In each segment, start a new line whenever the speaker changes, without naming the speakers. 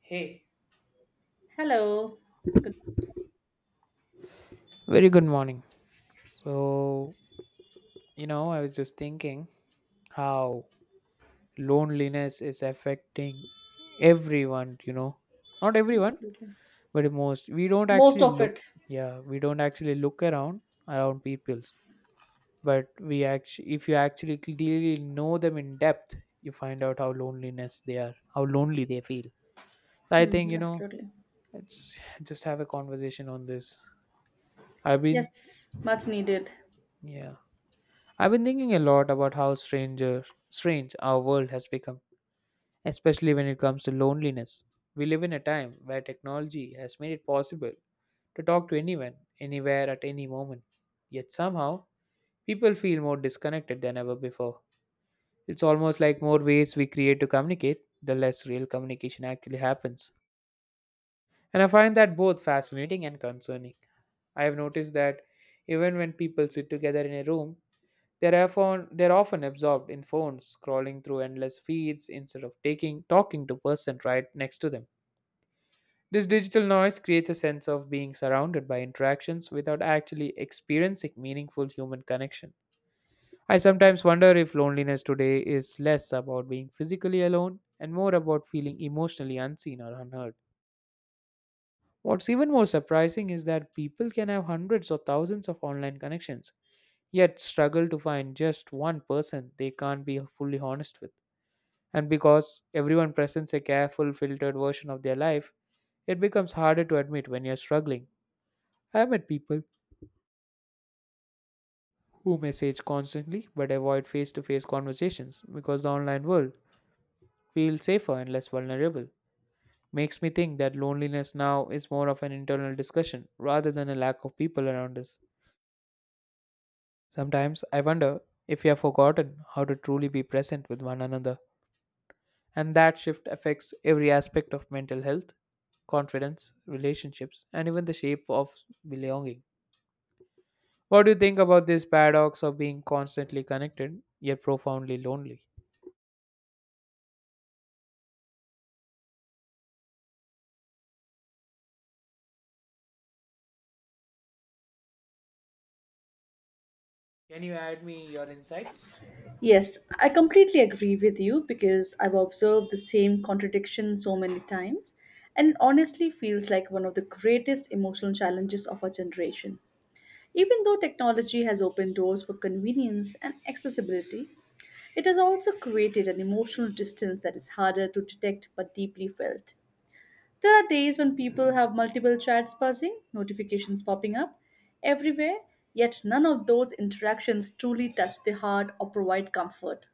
Hey.
Hello.
Very good morning. So, I was just thinking how loneliness is affecting everyone. Not everyone, but most. We don't
Most
actually
of
look,
it.
yeah, we don't actually look around people's, but we actually if you actually clearly know them in depth, you find out how loneliness they are, how lonely they feel. So I
Hmm,
think,
absolutely.
let's just have a conversation on this. I've been
Yes, much needed.
Yeah, I've been thinking a lot about how strange our world has become, especially when it comes to loneliness. We live in a time where technology has made it possible to talk to anyone, anywhere, at any moment. Yet somehow, people feel more disconnected than ever before. It's almost like more ways we create to communicate, the less real communication actually happens. And I find that both fascinating and concerning. I have noticed that even when people sit together in a room, they're often absorbed in phones, scrolling through endless feeds instead of taking talking to person right next to them. This digital noise creates a sense of being surrounded by interactions without actually experiencing meaningful human connection. I sometimes wonder if loneliness today is less about being physically alone and more about feeling emotionally unseen or unheard. What's even more surprising is that people can have hundreds or thousands of online connections, yet struggle to find just one person they can't be fully honest with. And because everyone presents a careful, filtered version of their life, it becomes harder to admit when you're struggling. I've met people who message constantly but avoid face to face conversations because the online world feels safer and less vulnerable. Makes me think that loneliness now is more of an internal discussion rather than a lack of people around us. Sometimes I wonder if we have forgotten how to truly be present with one another. And that shift affects every aspect of mental health, confidence, relationships, and even the shape of belonging. What do you think about this paradox of being constantly connected yet profoundly lonely? Can you add me your insights?
Yes, I completely agree with you because I've observed the same contradiction so many times and honestly feels like one of the greatest emotional challenges of our generation. Even though technology has opened doors for convenience and accessibility, it has also created an emotional distance that is harder to detect but deeply felt. There are days when people have multiple chats buzzing, notifications popping up everywhere, yet none of those interactions truly touch the heart or provide comfort.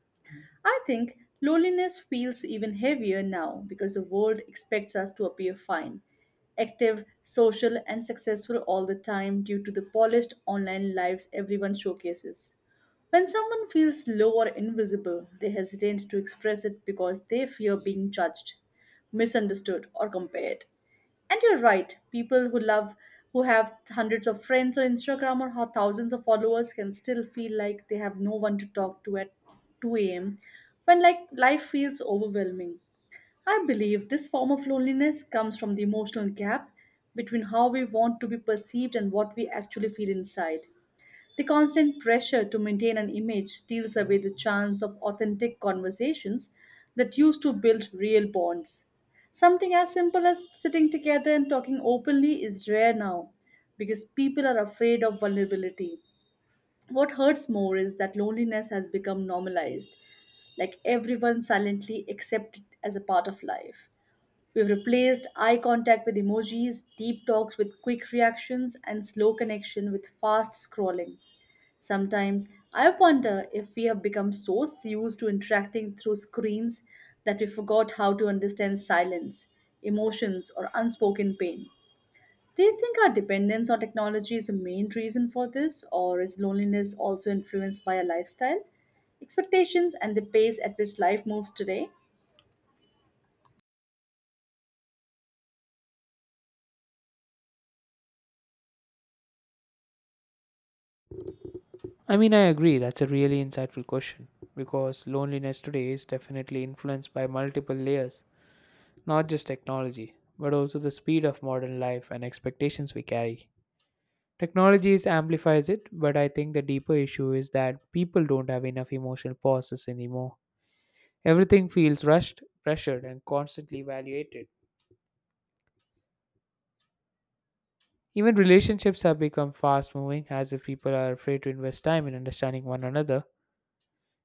I think loneliness feels even heavier now because the world expects us to appear fine, active, social, and successful all the time due to the polished online lives everyone showcases. When someone feels low or invisible, they hesitate to express it because they fear being judged, misunderstood, or compared. And you're right. People who love, who have hundreds of friends on Instagram or have thousands of followers can still feel like they have no one to talk to at 2 a.m. when like life feels overwhelming. I believe this form of loneliness comes from the emotional gap between how we want to be perceived and what we actually feel inside. The constant pressure to maintain an image steals away the chance of authentic conversations that used to build real bonds. Something as simple as sitting together and talking openly is rare now because people are afraid of vulnerability. What hurts more is that loneliness has become normalized, like everyone silently accepts it as a part of life. We've replaced eye contact with emojis, deep talks with quick reactions, and slow connection with fast scrolling. Sometimes I wonder if we have become so used to interacting through screens that we forgot how to understand silence, emotions, or unspoken pain. Do you think our dependence on technology is the main reason for this, or is loneliness also influenced by our lifestyle, expectations, and the pace at which life moves today?
I mean, I agree, that's a really insightful question because loneliness today is definitely influenced by multiple layers, not just technology, but also the speed of modern life and expectations we carry. Technology amplifies it, but I think the deeper issue is that people don't have enough emotional pauses anymore. Everything feels rushed, pressured, and constantly evaluated. Even relationships have become fast moving, as if people are afraid to invest time in understanding one another.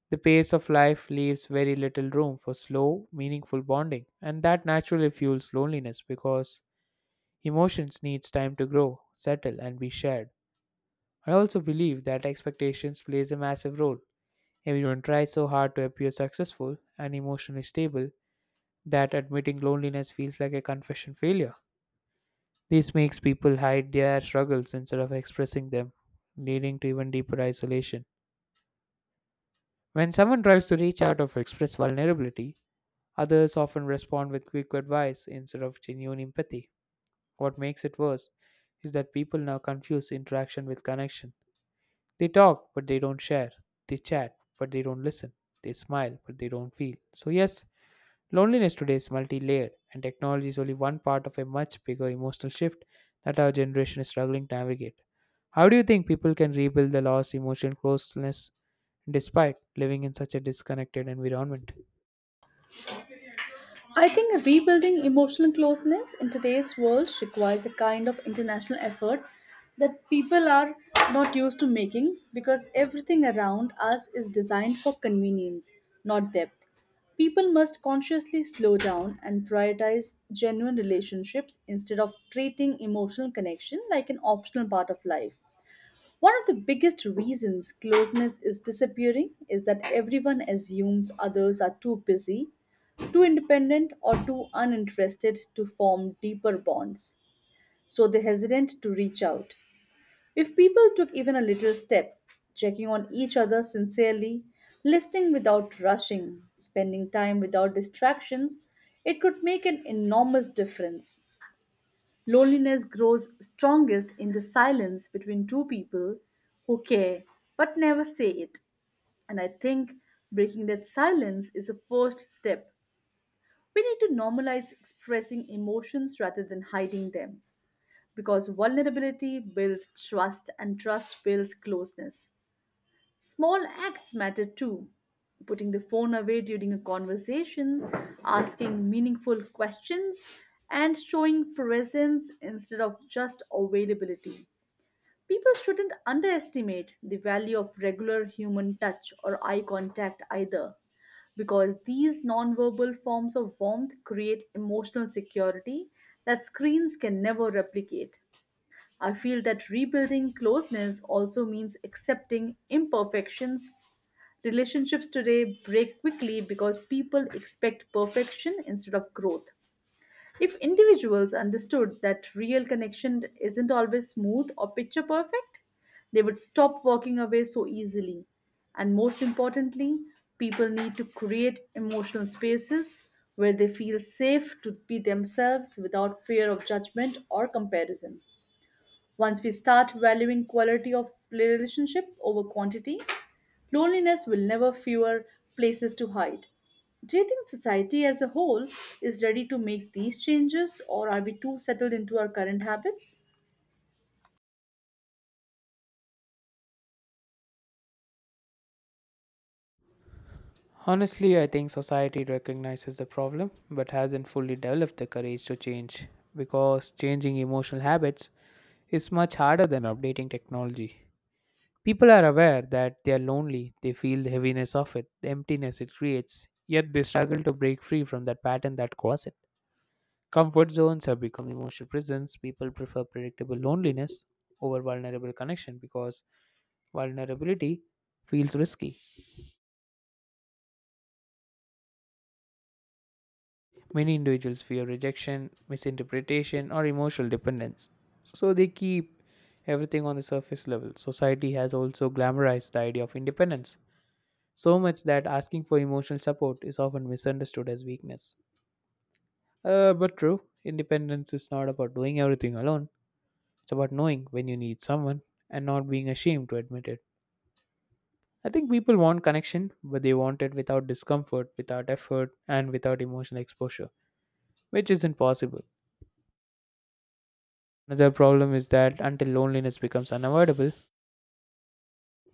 The pace of life leaves very little room for slow, meaningful bonding, and that naturally fuels loneliness because emotions needs time to grow, settle, and be shared. I also believe that expectations plays a massive role. Everyone tries so hard to appear successful and emotionally stable that admitting loneliness feels like a confession failure. This makes people hide their struggles instead of expressing them, leading to even deeper isolation. When someone tries to reach out or express vulnerability, others often respond with quick advice instead of genuine empathy. What makes it worse is that people now confuse interaction with connection. They talk, but they don't share. They chat, but they don't listen. They smile, but they don't feel. So, yes, loneliness today is multi layered, and technology is only one part of a much bigger emotional shift that our generation is struggling to navigate. How do you think people can rebuild the lost emotional closeness despite living in such a disconnected environment?
I think rebuilding emotional closeness in today's world requires a kind of international effort that people are not used to making because everything around us is designed for convenience, not depth. People must consciously slow down and prioritize genuine relationships instead of treating emotional connection like an optional part of life. One of the biggest reasons closeness is disappearing is that everyone assumes others are too busy, too independent, or too uninterested to form deeper bonds, so they're hesitant to reach out. If people took even a little step, checking on each other sincerely, listening without rushing, spending time without distractions, it could make an enormous difference. Loneliness grows strongest in the silence between two people who care but never say it. And I think breaking that silence is a first step. We need to normalize expressing emotions rather than hiding them because vulnerability builds trust and trust builds closeness. Small acts matter too. Putting the phone away during a conversation, asking meaningful questions, and showing presence instead of just availability. People shouldn't underestimate the value of regular human touch or eye contact either, because these nonverbal forms of warmth create emotional security that screens can never replicate. I feel that rebuilding closeness also means accepting imperfections. Relationships today break quickly because people expect perfection instead of growth. If individuals understood that real connection isn't always smooth or picture perfect, they would stop walking away so easily. And most importantly, people need to create emotional spaces where they feel safe to be themselves without fear of judgment or comparison. Once we start valuing quality of relationship over quantity, loneliness will never fewer places to hide. Do you think society as a whole is ready to make these changes, or are we too settled into our current habits?
Honestly, I think society recognizes the problem but hasn't fully developed the courage to change because changing emotional habits is much harder than updating technology. People are aware that they are lonely, they feel the heaviness of it, the emptiness it creates, yet they struggle to break free from that pattern that caused it. Comfort zones have become emotional prisons. People prefer predictable loneliness over vulnerable connection because vulnerability feels risky. Many individuals fear rejection, misinterpretation, or emotional dependence, so they keep everything on the surface level. Society has also glamorized the idea of independence so much that asking for emotional support is often misunderstood as weakness. But true, independence is not about doing everything alone, it's about knowing when you need someone and not being ashamed to admit it. I think people want connection, but they want it without discomfort, without effort, and without emotional exposure, which isn't possible. Another problem is that until loneliness becomes unavoidable,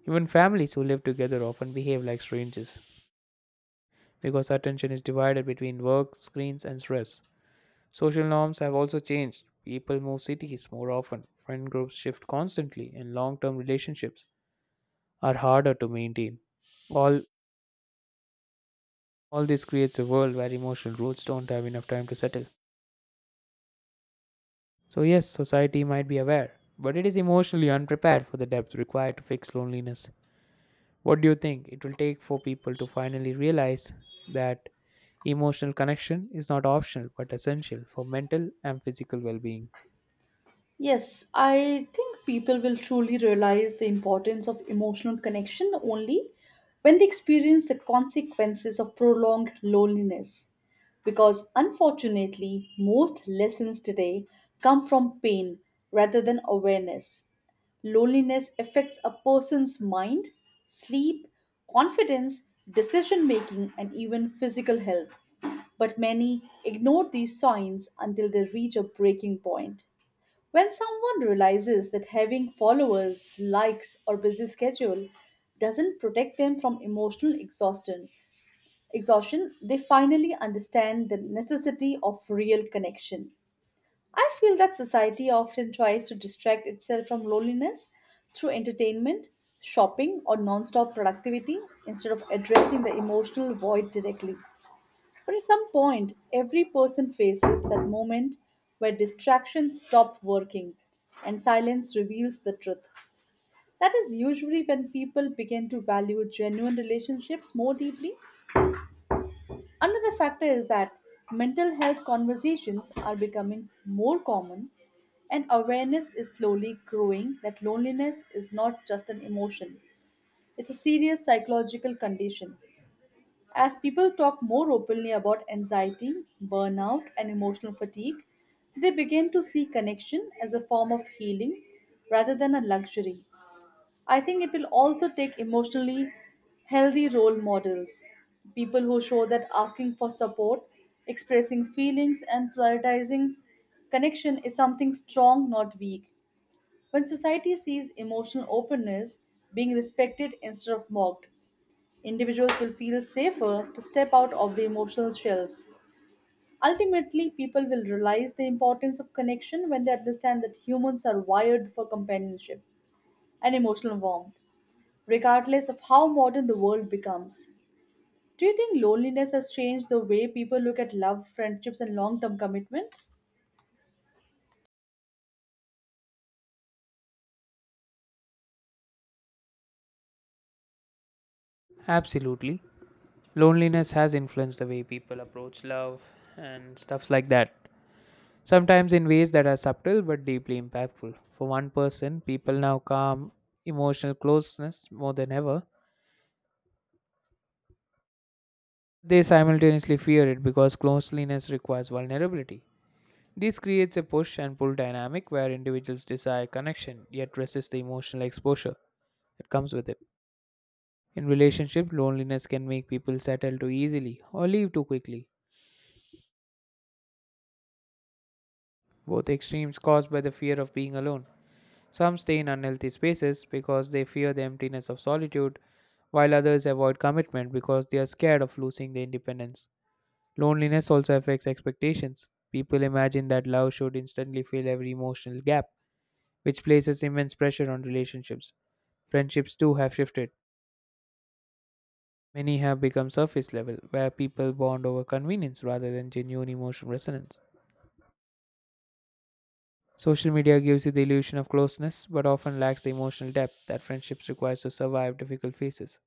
even families who live together often behave like strangers because attention is divided between work, screens, and stress. Social norms have also changed. People move cities more often, friend groups shift constantly, and long term relationships are harder to maintain. All, all this creates a world where emotional roots don't have enough time to settle. So, yes, society might be aware, but it is emotionally unprepared for the depth required to fix loneliness. What do you think it will take for people to finally realize that emotional connection is not optional but essential for mental and physical well being?
Yes, I think people will truly realize the importance of emotional connection only when they experience the consequences of prolonged loneliness. Because unfortunately, most lessons today come from pain rather than awareness. Loneliness affects a person's mind, sleep, confidence, decision making, and even physical health. But many ignore these signs until they reach a breaking point. When someone realizes that having followers, likes, or busy schedule doesn't protect them from emotional exhaustion, they finally understand the necessity of real connection. I feel that society often tries to distract itself from loneliness through entertainment, shopping, or non-stop productivity instead of addressing the emotional void directly. But at some point, every person faces that moment where distractions stop working and silence reveals the truth. That is usually when people begin to value genuine relationships more deeply. Another factor is that mental health conversations are becoming more common and awareness is slowly growing that loneliness is not just an emotion, it's a serious psychological condition. As people talk more openly about anxiety, burnout, and emotional fatigue, they begin to see connection as a form of healing rather than a luxury. I think it will also take emotionally healthy role models, people who show that asking for support, expressing feelings, and prioritizing connection is something strong, not weak. When society sees emotional openness being respected instead of mocked, individuals will feel safer to step out of the emotional shells. Ultimately, people will realize the importance of connection when they understand that humans are wired for companionship and emotional warmth, regardless of how modern the world becomes. Do you think loneliness has changed the way people look at love, friendships, and long term commitment?
Absolutely. Loneliness has influenced the way people approach love and stuffs like that. Sometimes in ways that are subtle but deeply impactful. For one person, people now calm emotional closeness more than ever. They simultaneously fear it because closeness requires vulnerability. This creates a push and pull dynamic where individuals desire connection yet resist the emotional exposure that comes with it. In relationships, loneliness can make people settle too easily or leave too quickly, both extremes caused by the fear of being alone. Some stay in unhealthy spaces because they fear the emptiness of solitude, while others avoid commitment because they are scared of losing their independence. Loneliness also affects expectations. People imagine that love should instantly fill every emotional gap, which places immense pressure on relationships. Friendships too have shifted. Many have become surface level, where people bond over convenience rather than genuine emotional resonance. Social media gives you the illusion of closeness, but often lacks the emotional depth that friendships requires to survive difficult phases.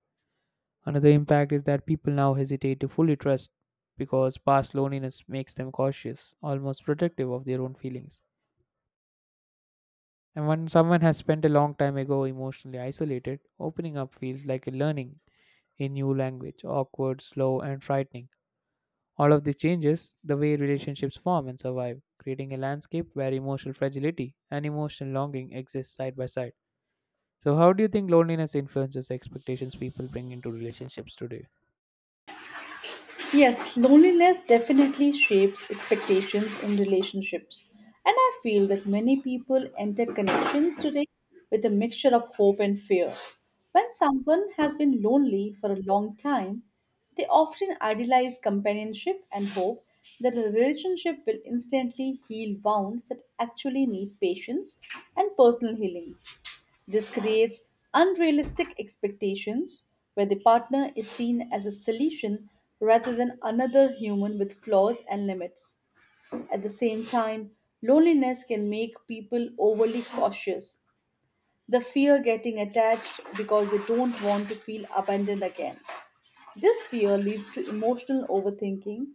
Another impact is that people now hesitate to fully trust because past loneliness makes them cautious, almost protective of their own feelings. And when someone has spent a long time ago emotionally isolated, opening up feels like a learning a new language, awkward, slow, and frightening. All of this changes the way relationships form and survive, creating a landscape where emotional fragility and emotional longing exist side by side. So, how do you think loneliness influences expectations people bring into relationships today?
Yes, loneliness definitely shapes expectations in relationships. And I feel that many people enter connections today with a mixture of hope and fear. When someone has been lonely for a long time, they often idealize companionship and hope that a relationship will instantly heal wounds that actually need patience and personal healing. This creates unrealistic expectations where the partner is seen as a solution rather than another human with flaws and limits. At the same time, loneliness can make people overly cautious. The fear getting attached because they don't want to feel abandoned again. This fear leads to emotional overthinking,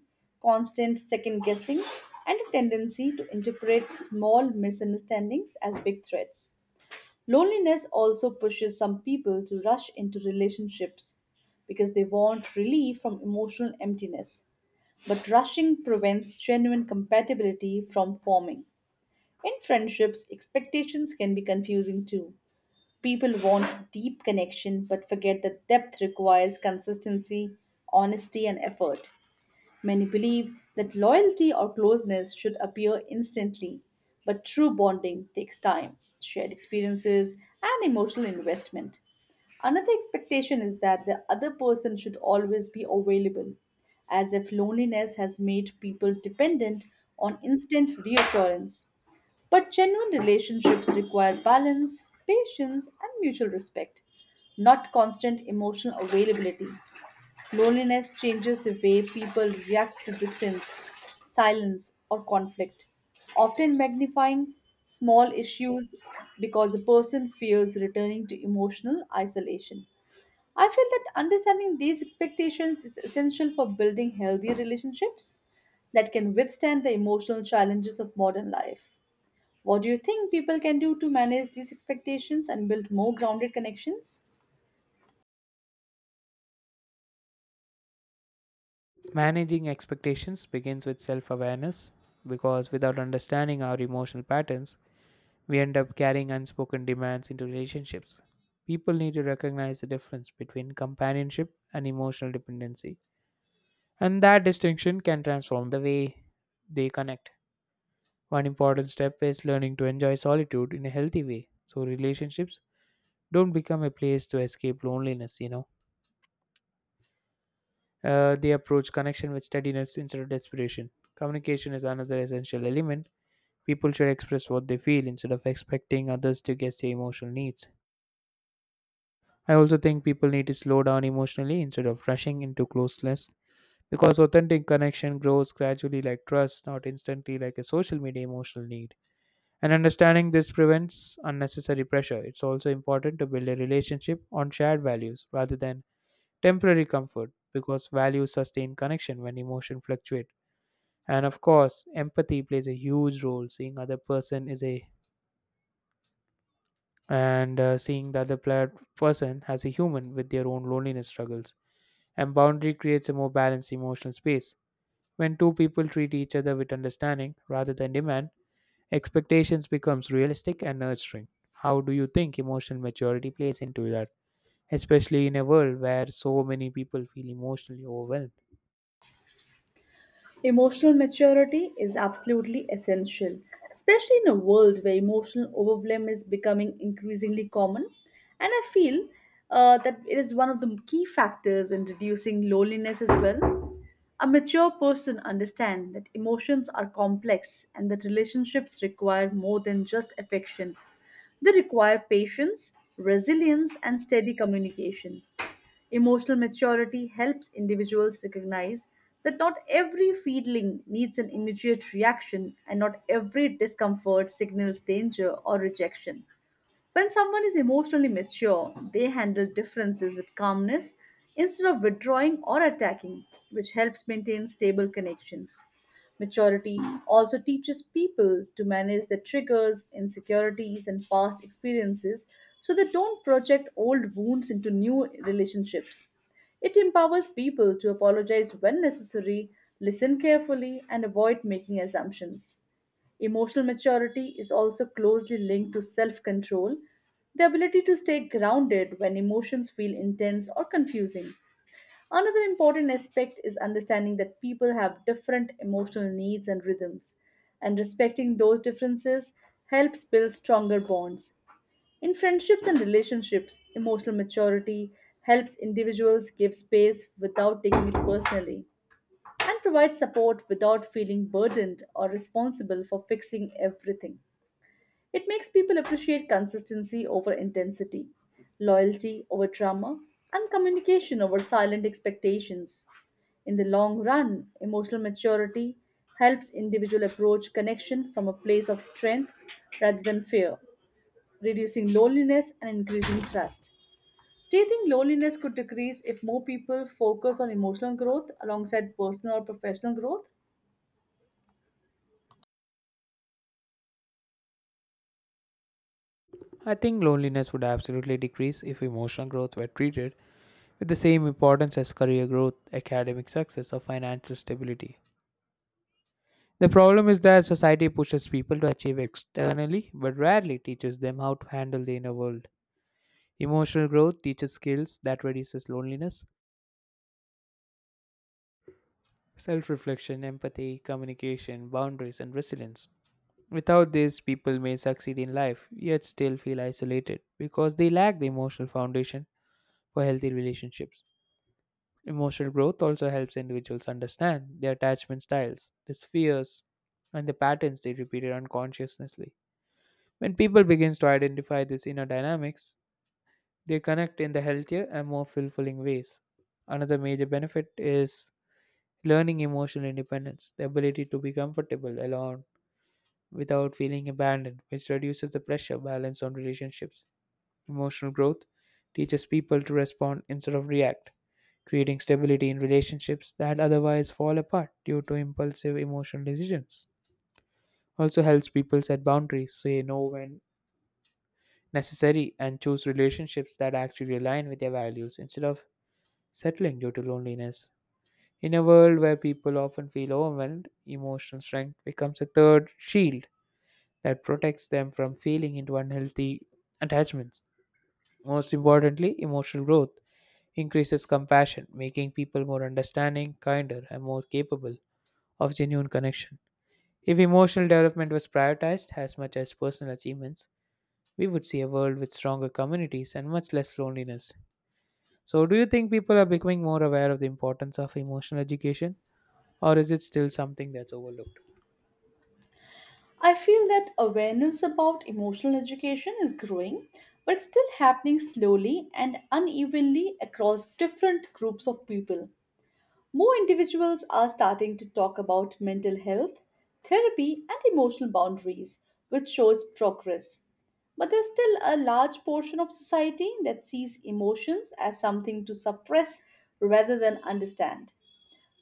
constant second guessing, and a tendency to interpret small misunderstandings as big threats. Loneliness also pushes some people to rush into relationships because they want relief from emotional emptiness. But rushing prevents genuine compatibility from forming. In friendships, expectations can be confusing too. People want deep connection but forget that depth requires consistency, honesty, and effort. Many believe that loyalty or closeness should appear instantly, but true bonding takes time, shared experiences, and emotional investment. Another expectation is that the other person should always be available, as if loneliness has made people dependent on instant reassurance. But genuine relationships require balance, patience, and mutual respect, not constant emotional availability. Loneliness changes the way people react to distance, silence, or conflict, often magnifying small issues because a person fears returning to emotional isolation. I feel that understanding these expectations is essential for building healthy relationships that can withstand the emotional challenges of modern life. What do you think people can do to manage these expectations and build more grounded connections?
Managing expectations begins with self awareness because without understanding our emotional patterns, we end up carrying unspoken demands into relationships. People need to recognize the difference between companionship and emotional dependency, and that distinction can transform the way they connect. One important step is learning to enjoy solitude in a healthy way so relationships don't become a place to escape loneliness. They approach connection with steadiness instead of desperation. Communication is another essential element. People should express what they feel instead of expecting others to guess their emotional needs. I also think people need to slow down emotionally instead of rushing into closeness because authentic connection grows gradually like trust, not instantly like a social media emotional need. And understanding this prevents unnecessary pressure. It's also important to build a relationship on shared values rather than temporary comfort because values sustain connection when emotion fluctuate. And of course, empathy plays a huge role. Seeing other person is a and seeing the other person as a human with their own loneliness struggles. And boundary creates a more balanced emotional space. When two people treat each other with understanding rather than demand, expectations becomes realistic and nurturing. How do you think emotional maturity plays into that? Especially in a world where so many people feel emotionally overwhelmed.
Emotional maturity is absolutely essential, especially in a world where emotional overwhelm is becoming increasingly common. And I feel that it is one of the key factors in reducing loneliness as well. A mature person understands that emotions are complex and that relationships require more than just affection. They require patience, resilience, and steady communication. Emotional maturity helps individuals recognize that not every feeling needs an immediate reaction and not every discomfort signals danger or rejection. When someone is emotionally mature, they handle differences with calmness instead of withdrawing or attacking, which helps maintain stable connections. Maturity also teaches people to manage their triggers, insecurities, and past experiences so they don't project old wounds into new relationships. It empowers people to apologize when necessary, listen carefully, and avoid making assumptions. Emotional maturity is also closely linked to self control, the ability to stay grounded when emotions feel intense or confusing. Another important aspect is understanding that people have different emotional needs and rhythms, and respecting those differences helps build stronger bonds. In friendships and relationships, emotional maturity helps individuals give space without taking it personally and provide support without feeling burdened or responsible for fixing everything. It makes people appreciate consistency over intensity, loyalty over drama, and communication over silent expectations. In the long run, emotional maturity helps individual approach connection from a place of strength rather than fear, reducing loneliness and increasing trust. Do you think loneliness could decrease if more people focus on emotional growth alongside personal or professional growth?
I think loneliness would absolutely decrease if emotional growth were treated with the same importance as career growth, academic success, or financial stability. The problem is that society pushes people to achieve externally but rarely teaches them how to handle the inner world. Emotional growth teaches skills that reduces loneliness, self reflection, empathy, communication, boundaries, and resilience. Without this, people may succeed in life yet still feel isolated because they lack the emotional foundation for healthy relationships. Emotional growth also helps individuals understand their attachment styles, their fears, and the patterns they repeated unconsciously. When people begin to identify these inner dynamics, they connect in the healthier and more fulfilling ways. Another major benefit is learning emotional independence, the ability to be comfortable alone without feeling abandoned, which reduces the pressure balance on relationships. Emotional growth teaches people to respond instead of react, creating stability in relationships that otherwise fall apart due to impulsive emotional decisions. Also helps people set boundaries, say no when necessary and choose relationships that actually align with their values instead of settling due to loneliness. In a world where people often feel overwhelmed, emotional strength becomes a third shield that protects them from falling into unhealthy attachments. Most importantly, emotional growth increases compassion, making people more understanding, kinder, and more capable of genuine connection. If emotional development was prioritized as much as personal achievements, we would see a world with stronger communities and much less loneliness. So, do you think people are becoming more aware of the importance of emotional education, or is it still something that's overlooked?
I feel that awareness about emotional education is growing, but it's still happening slowly and unevenly across different groups of people. More individuals are starting to talk about mental health, therapy, and emotional boundaries, which shows progress. But there's still a large portion of society that sees emotions as something to suppress rather than understand.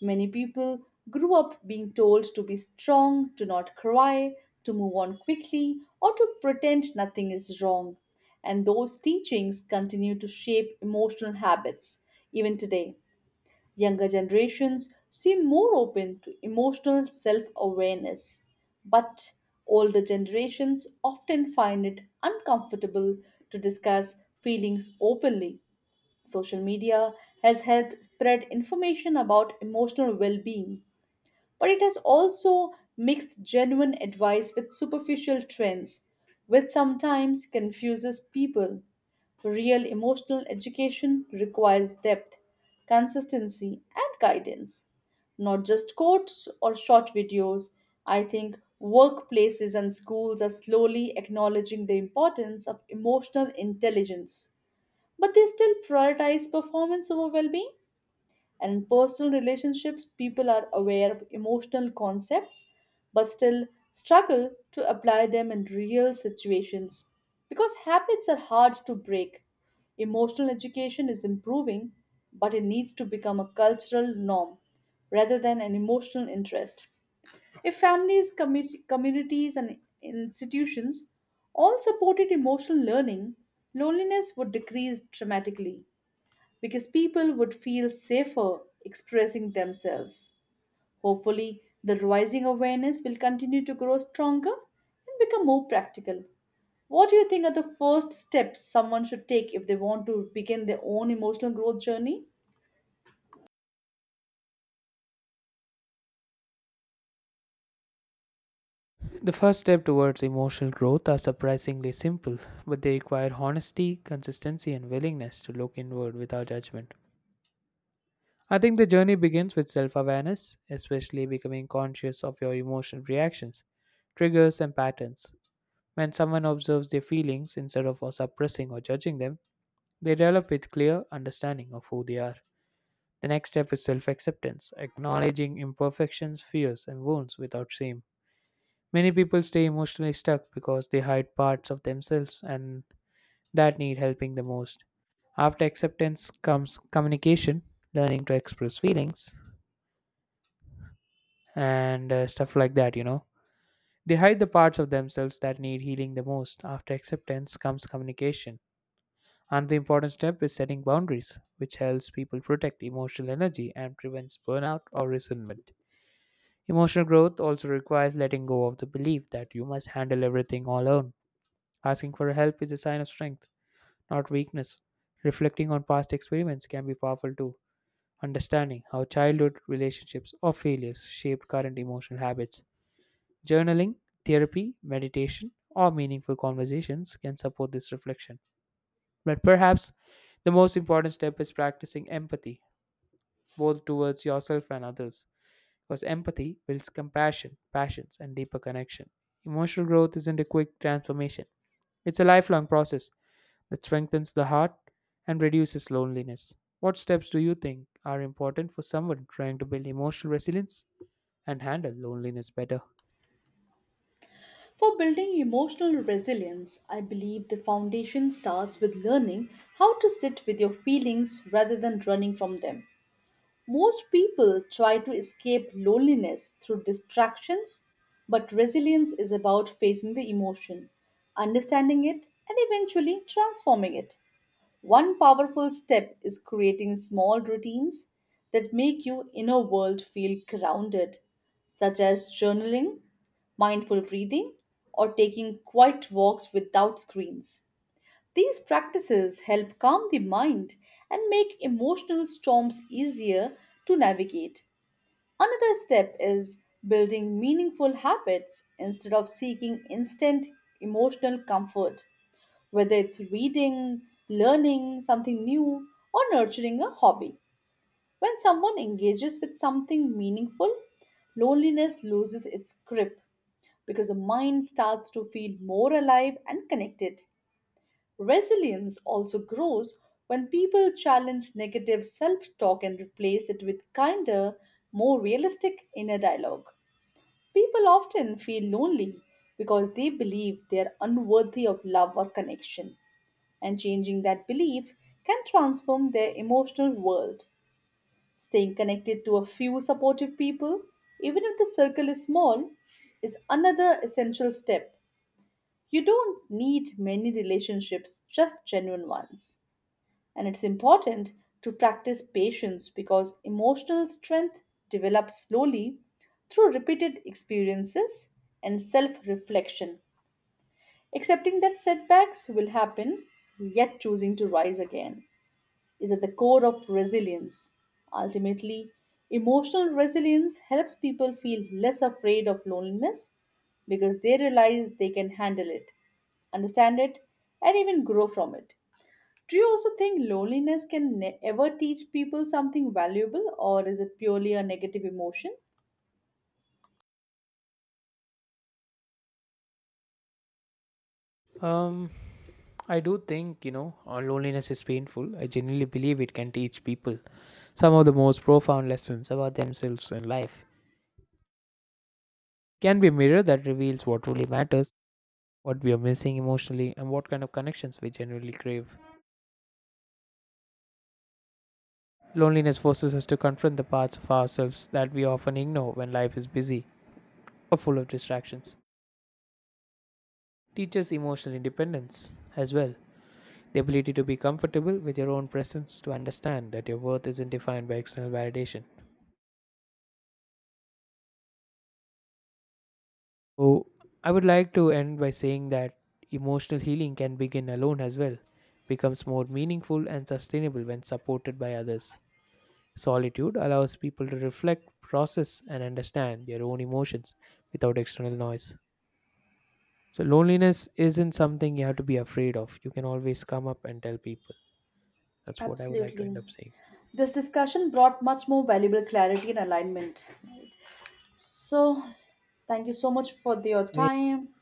Many people grew up being told to be strong, to not cry, to move on quickly, or to pretend nothing is wrong. And those teachings continue to shape emotional habits even today. Younger generations seem more open to emotional self awareness, but older generations often find it uncomfortable to discuss feelings openly. Social media has helped spread information about emotional well being, but it has also mixed genuine advice with superficial trends, which sometimes confuses people. Real emotional education requires depth, consistency, and guidance, not just quotes or short videos. I think workplaces and schools are slowly acknowledging the importance of emotional intelligence, but they still prioritize performance over well-being, and in personal relationships people are aware of emotional concepts but still struggle to apply them in real situations because habits are hard to break. Emotional education is improving, but it needs to become a cultural norm rather than an emotional interest. If families, communities, and institutions all supported emotional learning, loneliness would decrease dramatically because people would feel safer expressing themselves. Hopefully, the rising awareness will continue to grow stronger and become more practical. What do you think are the first steps someone should take if they want to begin their own emotional growth journey?
The first step towards emotional growth are surprisingly simple, but they require honesty, consistency, and willingness to look inward without judgment. I think the journey begins with self awareness, especially becoming conscious of your emotional reactions, triggers, and patterns. When someone observes their feelings instead of suppressing or judging them, they develop a clear understanding of who they are. The next step is self acceptance, acknowledging imperfections, fears, and wounds without shame. Many people stay emotionally stuck because they hide parts of themselves and that need helping the most. After acceptance comes communication, learning to express feelings, and stuff like that. They hide the parts of themselves that need healing the most. After acceptance comes communication. Another important step is setting boundaries, which helps people protect emotional energy and prevents burnout or resentment. Emotional growth also requires letting go of the belief that you must handle everything all alone. Asking for help is a sign of strength, not weakness. Reflecting on past experiments can be powerful too. Understanding how childhood relationships or failures shaped current emotional habits. Journaling, therapy, meditation, or meaningful conversations can support this reflection. But perhaps the most important step is practicing empathy, both towards yourself and others. Because empathy builds compassion, passions, and deeper connection. Emotional growth isn't a quick transformation, it's a lifelong process that strengthens the heart and reduces loneliness. What steps do you think are important for someone trying to build emotional resilience and handle loneliness better?
For building emotional resilience, I believe the foundation starts with learning how to sit with your feelings rather than running from them. Most people try to escape loneliness through distractions, but resilience is about facing the emotion, understanding it, and eventually transforming it. One powerful step is creating small routines that make your inner world feel grounded, such as journaling, mindful breathing, or taking quiet walks without screens. These practices help calm the mind and make emotional storms easier to navigate. Another step is building meaningful habits instead of seeking instant emotional comfort, whether it's reading, learning something new, or nurturing a hobby. When someone engages with something meaningful, loneliness loses its grip because the mind starts to feel more alive and connected. Resilience also grows when people challenge negative self talk and replace it with kinder, more realistic inner dialogue. People often feel lonely because they believe they are unworthy of love or connection, and changing that belief can transform their emotional world. Staying connected to a few supportive people, even if the circle is small, is another essential step. You don't need many relationships, just genuine ones. And it's important to practice patience because emotional strength develops slowly through repeated experiences and self reflection. Accepting that setbacks will happen, yet choosing to rise again, is at the core of resilience. Ultimately, emotional resilience helps people feel less afraid of loneliness because they realize they can handle it, understand it, and even grow from it. Do you also think loneliness can ever teach people something valuable, or is it purely a negative emotion?
Um, I do think, loneliness is painful. I genuinely believe it can teach people some of the most profound lessons about themselves in life. It can be a mirror that reveals what truly matters, what we are missing emotionally, and what kind of connections we genuinely crave. Loneliness forces us to confront the parts of ourselves that we often ignore when life is busy or full of distractions. Teaches emotional independence as well. The ability to be comfortable with your own presence, to understand that your worth isn't defined by external validation. So, I would like to end by saying that emotional healing can begin alone as well, becomes more meaningful and sustainable when supported by others. Solitude allows people to reflect, process, and understand their own emotions without external noise. So, loneliness isn't something you have to be afraid of. You can always come up and tell people. That's what I would like to end
Absolutely.
up saying.
This discussion brought much more valuable clarity and alignment. So, thank you so much for your
So, yeah,
time.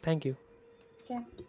thank you.
Okay.